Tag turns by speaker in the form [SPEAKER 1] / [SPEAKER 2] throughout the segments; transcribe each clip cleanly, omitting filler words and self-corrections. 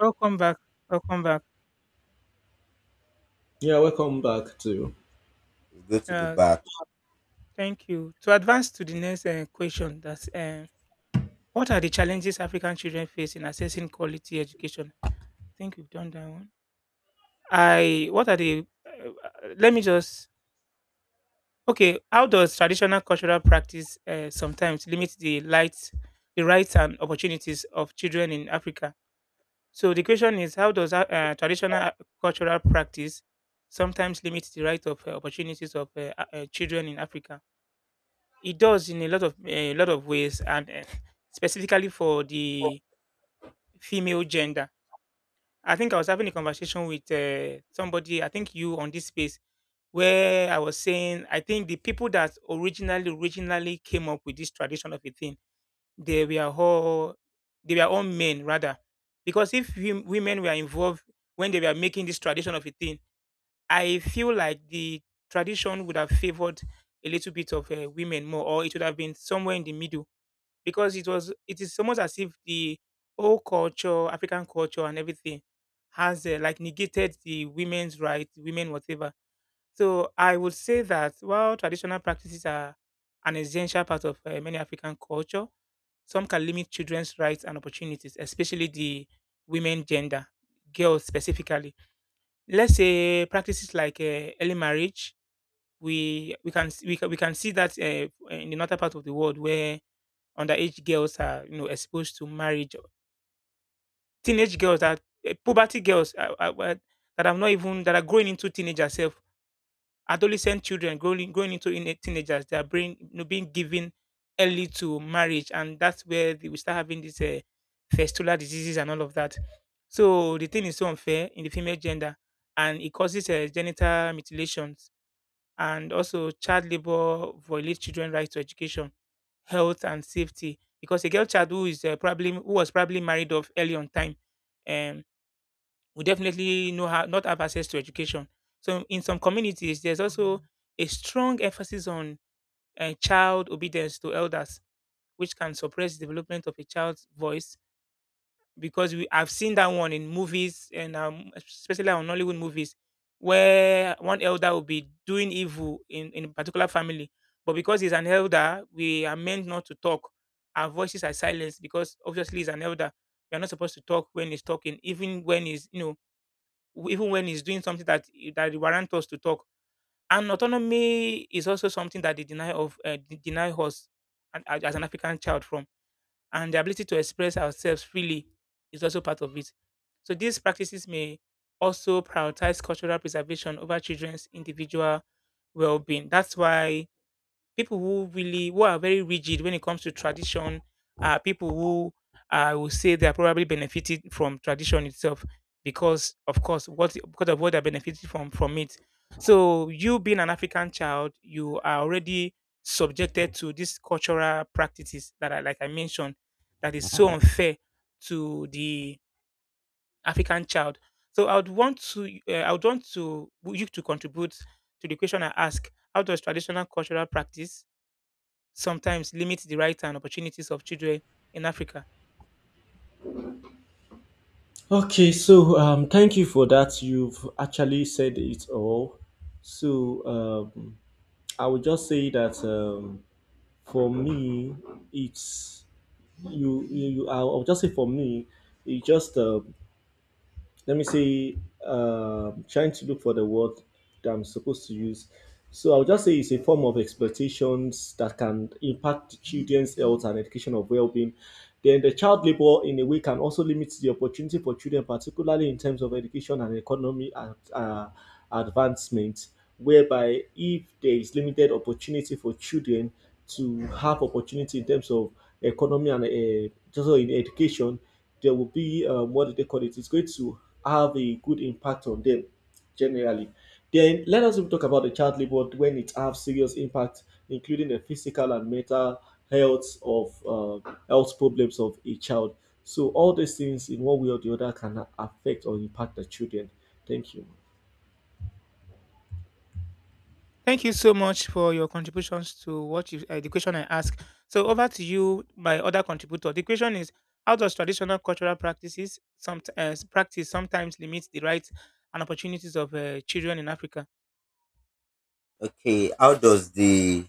[SPEAKER 1] Welcome back. Welcome back.
[SPEAKER 2] Yeah, welcome back to.
[SPEAKER 3] It's good to be
[SPEAKER 1] Uh,
[SPEAKER 3] back.
[SPEAKER 1] thank you. To advance to the next question, that's what are the challenges African children face in accessing quality education? I think we've done that one. I what are the? Let me just okay. How does traditional cultural practice sometimes limit the lights, the rights and opportunities of children in Africa? So the question is, how does traditional cultural practice sometimes limit the right of opportunities of children in Africa? It does in a lot of a lot of ways, and specifically for the female gender. I think I was having a conversation with somebody. I think you on this space where I was saying I think the people that originally came up with this tradition of a thing, they were all they were all men rather, because if women were involved when they were making this tradition of a thing, I feel like the tradition would have favored a little bit of women more, or it would have been somewhere in the middle because it is almost as if the whole culture, African culture and everything has like negated the women's right, women whatever. So I would say that while traditional practices are an essential part of many African culture, some can limit children's rights and opportunities, especially the women gender, girls specifically. Let's say practices like early marriage. We can we we can see that in the northern part of the world where underage girls are exposed to marriage, teenage girls that puberty girls that have not even that are growing into teenager self, adolescent children growing into in teenagers, they are being being given early to marriage, and that's where we start having these festival diseases and all of that. So the thing is so unfair in the female gender, and it causes genital mutilations, and also child labor violates children' right to education, health and safety, because a girl child who is probably who was probably married off early on time um will definitely know how not have access to education. So in some communities there's also a strong emphasis on child obedience to elders, which can suppress development of a child's voice, because we I've seen that one in movies and especially on Nollywood movies, where one elder will be doing evil in a particular family. But because he's an elder, we are meant not to talk. Our voices are silenced because obviously he's an elder. We are not supposed to talk when he's talking, even when he's even when he's doing something that warrants us to talk. And autonomy is also something that they deny of deny us and- as an African child from, and the ability to express ourselves freely is also part of it. So these practices may also prioritize cultural preservation over children's individual well-being. That's why people who are very rigid when it comes to tradition are people who, I would say, they are probably benefited from tradition itself because of course what because of what they benefited from it. So you, being an African child, you are already subjected to these cultural practices that are, like I mentioned, that is so unfair to the African child. So I would want to I would want to you to contribute to the question I ask: how does traditional cultural practice sometimes limit the rights and opportunities of children in Africa?
[SPEAKER 2] Okay, so thank you for that. You've actually said it all. So um, I would just say that for me, it's you. You. You I'll just say for me, it just let me see trying to look for the word that I'm supposed to use so I'll just say it's a form of exploitations that can impact the children's health and education of well-being then the child labor in a way can also limit the opportunity for children particularly in terms of education and economy and advancement whereby if there is limited opportunity for children to have opportunity in terms of economy and just in education, there will be what do they call it? It's going to have a good impact on them generally. Then let us even talk about the child labor when it has serious impact, including the physical and mental health of health problems of a child. So all these things, in one way or the other, can affect or impact the children. Thank you.
[SPEAKER 1] Thank you so much for your contributions to what the question I asked. So over to you, my other contributor. The question is: how does traditional cultural practices, sometimes limit the rights and opportunities of children in Africa?
[SPEAKER 3] Okay, how does the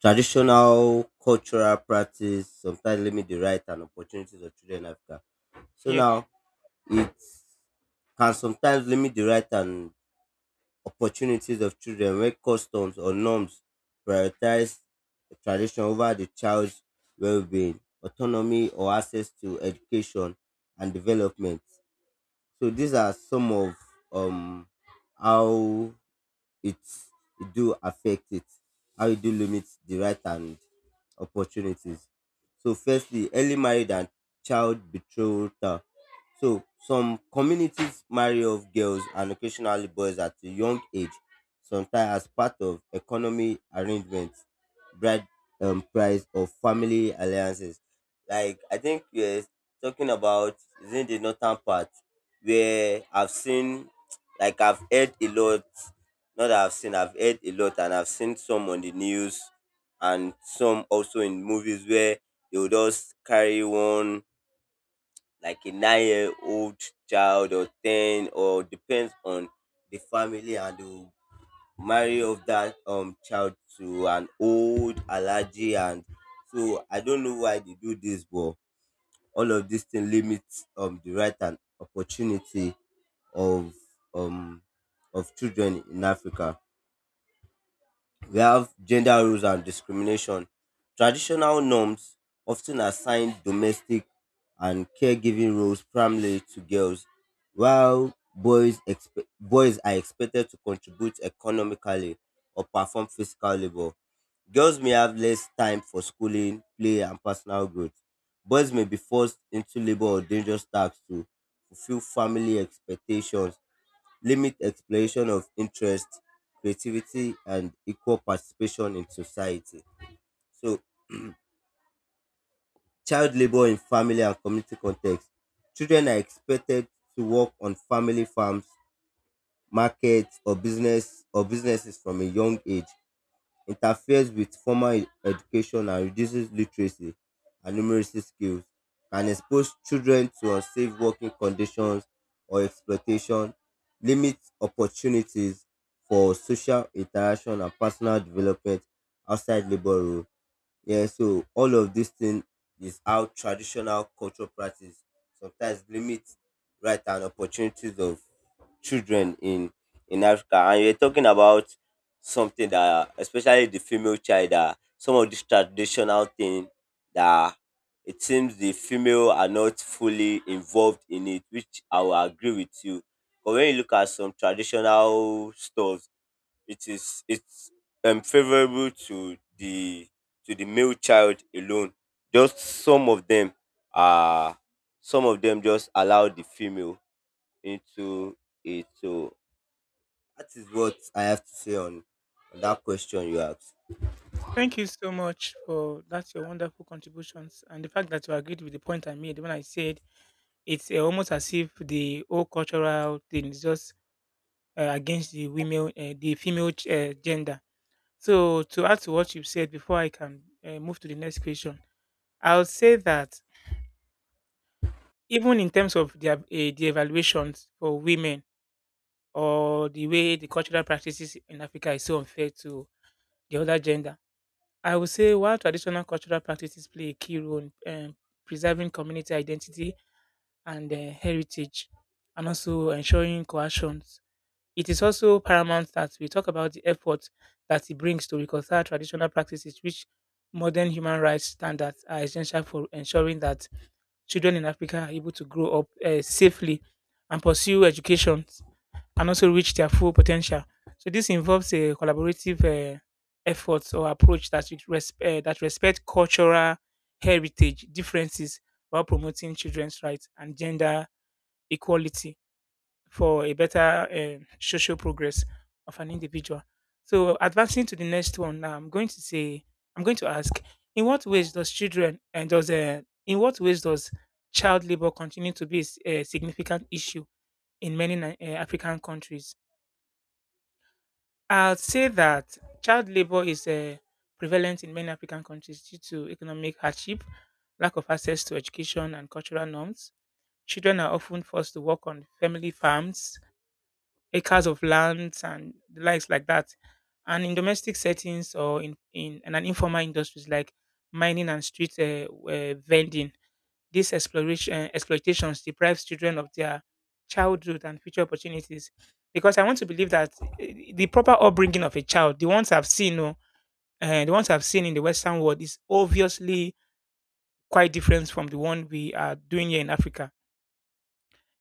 [SPEAKER 3] traditional cultural practice sometimes limit the right and opportunities of children in Africa? So
[SPEAKER 1] Yeah.
[SPEAKER 3] now it can sometimes limit the right and opportunities of children when customs or norms prioritize the tradition over the child's well-being, autonomy, or access to education and development. So these are some of um how it's it do affect it how it do limit the right and opportunities. So firstly, early marriage and child betrothal. So some communities marry off girls and occasionally boys at a young age, sometimes as part of economy arrangements, bride price, or family alliances. Like, I think we're talking about is in the northern part, where I've seen, like, I've heard a lot. Not that I've seen, I've heard a lot, and I've seen some on the news and some also in movies, where they will just carry one, like a 9-year-old old child, or 10, or depends on the family, and they will marry off that child to an old allergy. And so I don't know why they do this, but all of this thing limits the right and opportunity of um of children in Africa. We have gender roles and discrimination. Traditional norms often assign domestic and caregiving roles primarily to girls, while boys are expected to contribute economically or perform physical labor. Girls may have less time for schooling, play, and personal growth. Boys may be forced into labor or dangerous tasks to fulfill family expectations, limit exploration of interest, creativity, and equal participation in society. So, child labor in family and community context. Children are expected to work on family farms, markets, or businesses from a young age. Interferes with formal education and reduces literacy and numeracy skills, can expose children to unsafe working conditions or exploitation, limits opportunities for social interaction and personal development outside labor role. Yeah, so all of this thing is how traditional cultural practice sometimes limits right and opportunities of children in Africa. And you're talking about something that, especially the female child, that some of these traditional thing, that it seems the female are not fully involved in it, which I will agree with you. But when you look at some traditional stuff, it's favorable to the male child alone. Just some of them are, some of them just allow the female into it. So that is what I have to say on that question you asked.
[SPEAKER 1] Thank you so much for that's your wonderful contributions, and the fact that you agreed with the point I made when I said it's almost as if the whole cultural thing is just against the women, the female gender. So to add to what you've said before, I can move to the next question. I'll say that even in terms of the evaluations for women or the way the cultural practices in Africa is so unfair to the other gender, I would say while traditional cultural practices play a key role in preserving community identity and heritage, and also ensuring cohesion, it is also paramount that we talk about the effort that it brings to reconcile traditional practices which modern human rights standards are essential for ensuring that children in Africa are able to grow up safely and pursue education and also reach their full potential. So this involves a collaborative effort or approach that that respect cultural heritage differences while promoting children's rights and gender equality for a better social progress of an individual. So advancing to the next one, now I'm going to say I'm going to ask: in what ways does children and does in what ways does child labor continue to be a significant issue in many African countries? I'd say that child labor is prevalent in many African countries due to economic hardship, lack of access to education and cultural norms. Children are often forced to work on family farms, acres of lands, and the likes like that, and in domestic settings, or in an informal industries like mining and street vending. This exploration exploitations deprives children of their childhood and future opportunities. Because I want to believe that the proper upbringing of a child, the ones I've seen, oh, the ones I've seen in the Western world, is obviously quite different from the one we are doing here in Africa.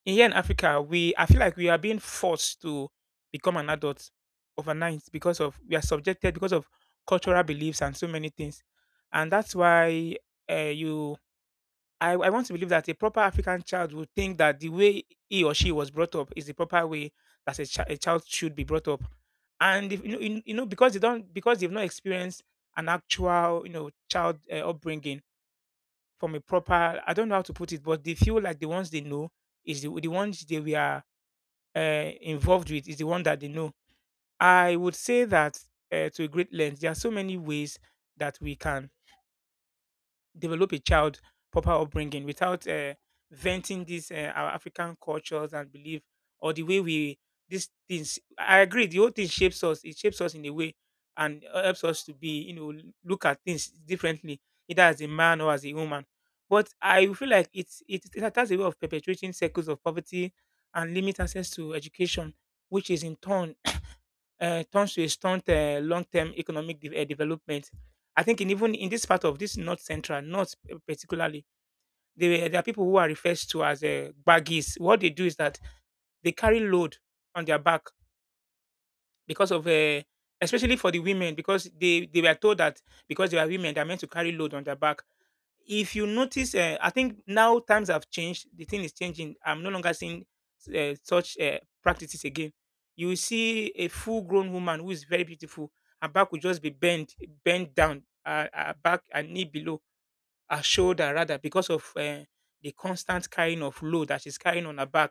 [SPEAKER 1] In here in Africa, we I feel like we are being forced to become an adult overnight because of, we are subjected because of cultural beliefs and so many things, and that's why you I want to believe that a proper African child would think that the way he or she was brought up is the proper way that a child should be brought up, and if, you know, you know, because they don't, because they've not experienced an actual, you know, child upbringing from a proper, I don't know how to put it, but they feel like the ones they know is the ones they were involved with is the one that they know. I would say that to a great length, there are so many ways that we can develop a child proper upbringing without venting these our African cultures and belief, or the way we these things. I agree. The whole thing shapes us. It shapes us in a way, and helps us to be, you know, look at things differently, either as a man or as a woman. But I feel like it, it has a way of perpetuating cycles of poverty and limit access to education, which is in turn turns to a stunt long-term economic development. I think in, even in this part of this North Central, not particularly, there are people who are referred to as baggies. What they do is that they carry load on their back because of, especially for the women, because they were told that because they are women, they're meant to carry load on their back. If you notice, I think now times have changed. The thing is changing. I'm no longer seeing such practices again. You will see a full-grown woman who is very beautiful. Her back will just be bent, bent down, her back and knee below, her shoulder rather, because of the constant carrying of load that she's carrying on her back.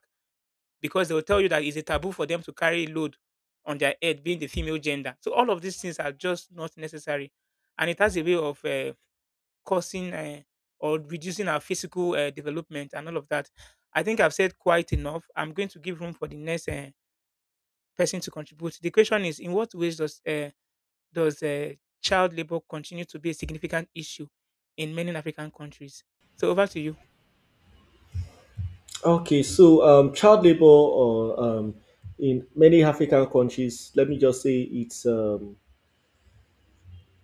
[SPEAKER 1] Because they will tell you that it's a taboo for them to carry load on their head, being the female gender. So all of these things are just not necessary, and it has a way of causing or reducing our physical development and all of that. I think I've said quite enough. I'm going to give room for the next person to contribute. The question is, in what ways does does uh, child labor continue to be a significant issue in many African countries? So over to you.
[SPEAKER 2] Okay, so child labor, or in many African countries, let me just say it's um,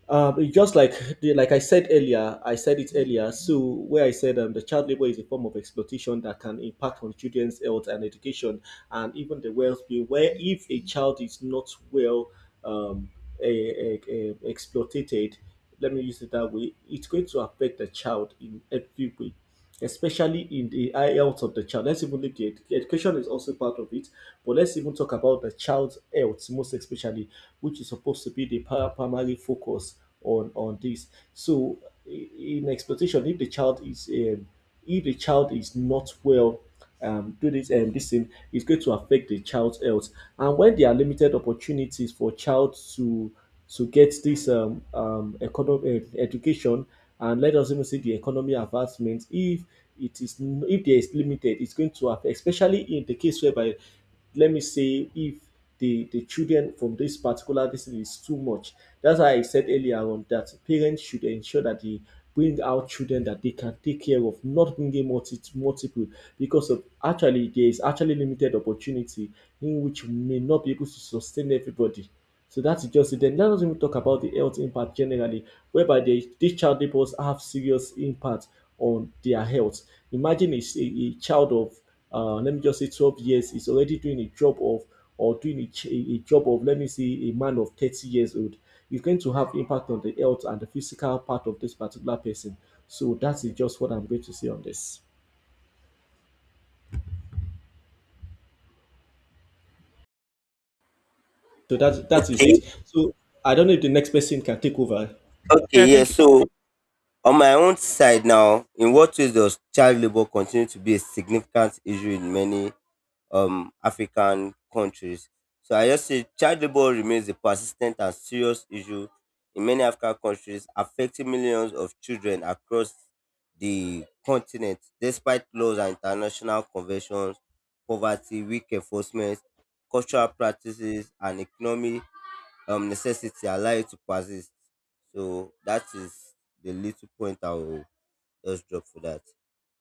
[SPEAKER 2] um, it's just like like I said earlier. I said it earlier. So where I said the child labor is a form of exploitation that can impact on children's health and education, and even the well-being. Where if a child is not well um, exploited, let me use it that way, it's going to affect the child in every way, especially in the health of the child. Let's even leave the education is also part of it, but let's even talk about the child's health, most especially, which is supposed to be the primary focus on this. So in exploitation, if the child is if the child is not well do this this thing is going to affect the child's health. And when there are limited opportunities for child to get this economic education, and let us even see the economy advancement, if it if there is limited, it's going to affect, especially in the case whereby let me say if the children from this particular district is too much, that's why I said earlier on that parents should ensure that they bring out children that they can take care of, not bringing multiple because of, actually there is actually limited opportunity in which we may not be able to sustain everybody. So that's just it. Then let us even talk about the health impact generally, whereby they, these child laborers have serious impact on their health. Imagine a child of, let me just say 12 years is already doing a job of, or doing a, ch- a job of, let me say, a man of 30 years old. It's going to have impact on the health and the physical part of this particular person. So that is just what I'm going to say on this. So that is
[SPEAKER 3] Okay,
[SPEAKER 2] it. So I don't know if the next person can take over.
[SPEAKER 1] Yeah,
[SPEAKER 3] okay, yeah.
[SPEAKER 1] thank you.
[SPEAKER 3] So on my own side now, in what ways does child labor continue to be a significant issue in many African countries? So I just say child labor remains a persistent and serious issue in many African countries, affecting millions of children across the continent. Despite laws and international conventions, poverty, weak enforcement, cultural practices, and economic necessity allow it to persist. So that is the little point I will just drop for that.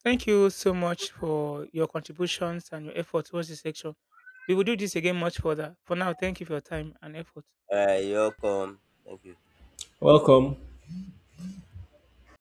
[SPEAKER 1] Thank you so much for your contributions and your effort towards this section. We will do this again much further. For now, thank you for your time and effort.
[SPEAKER 3] You're welcome. Thank you.
[SPEAKER 2] Welcome.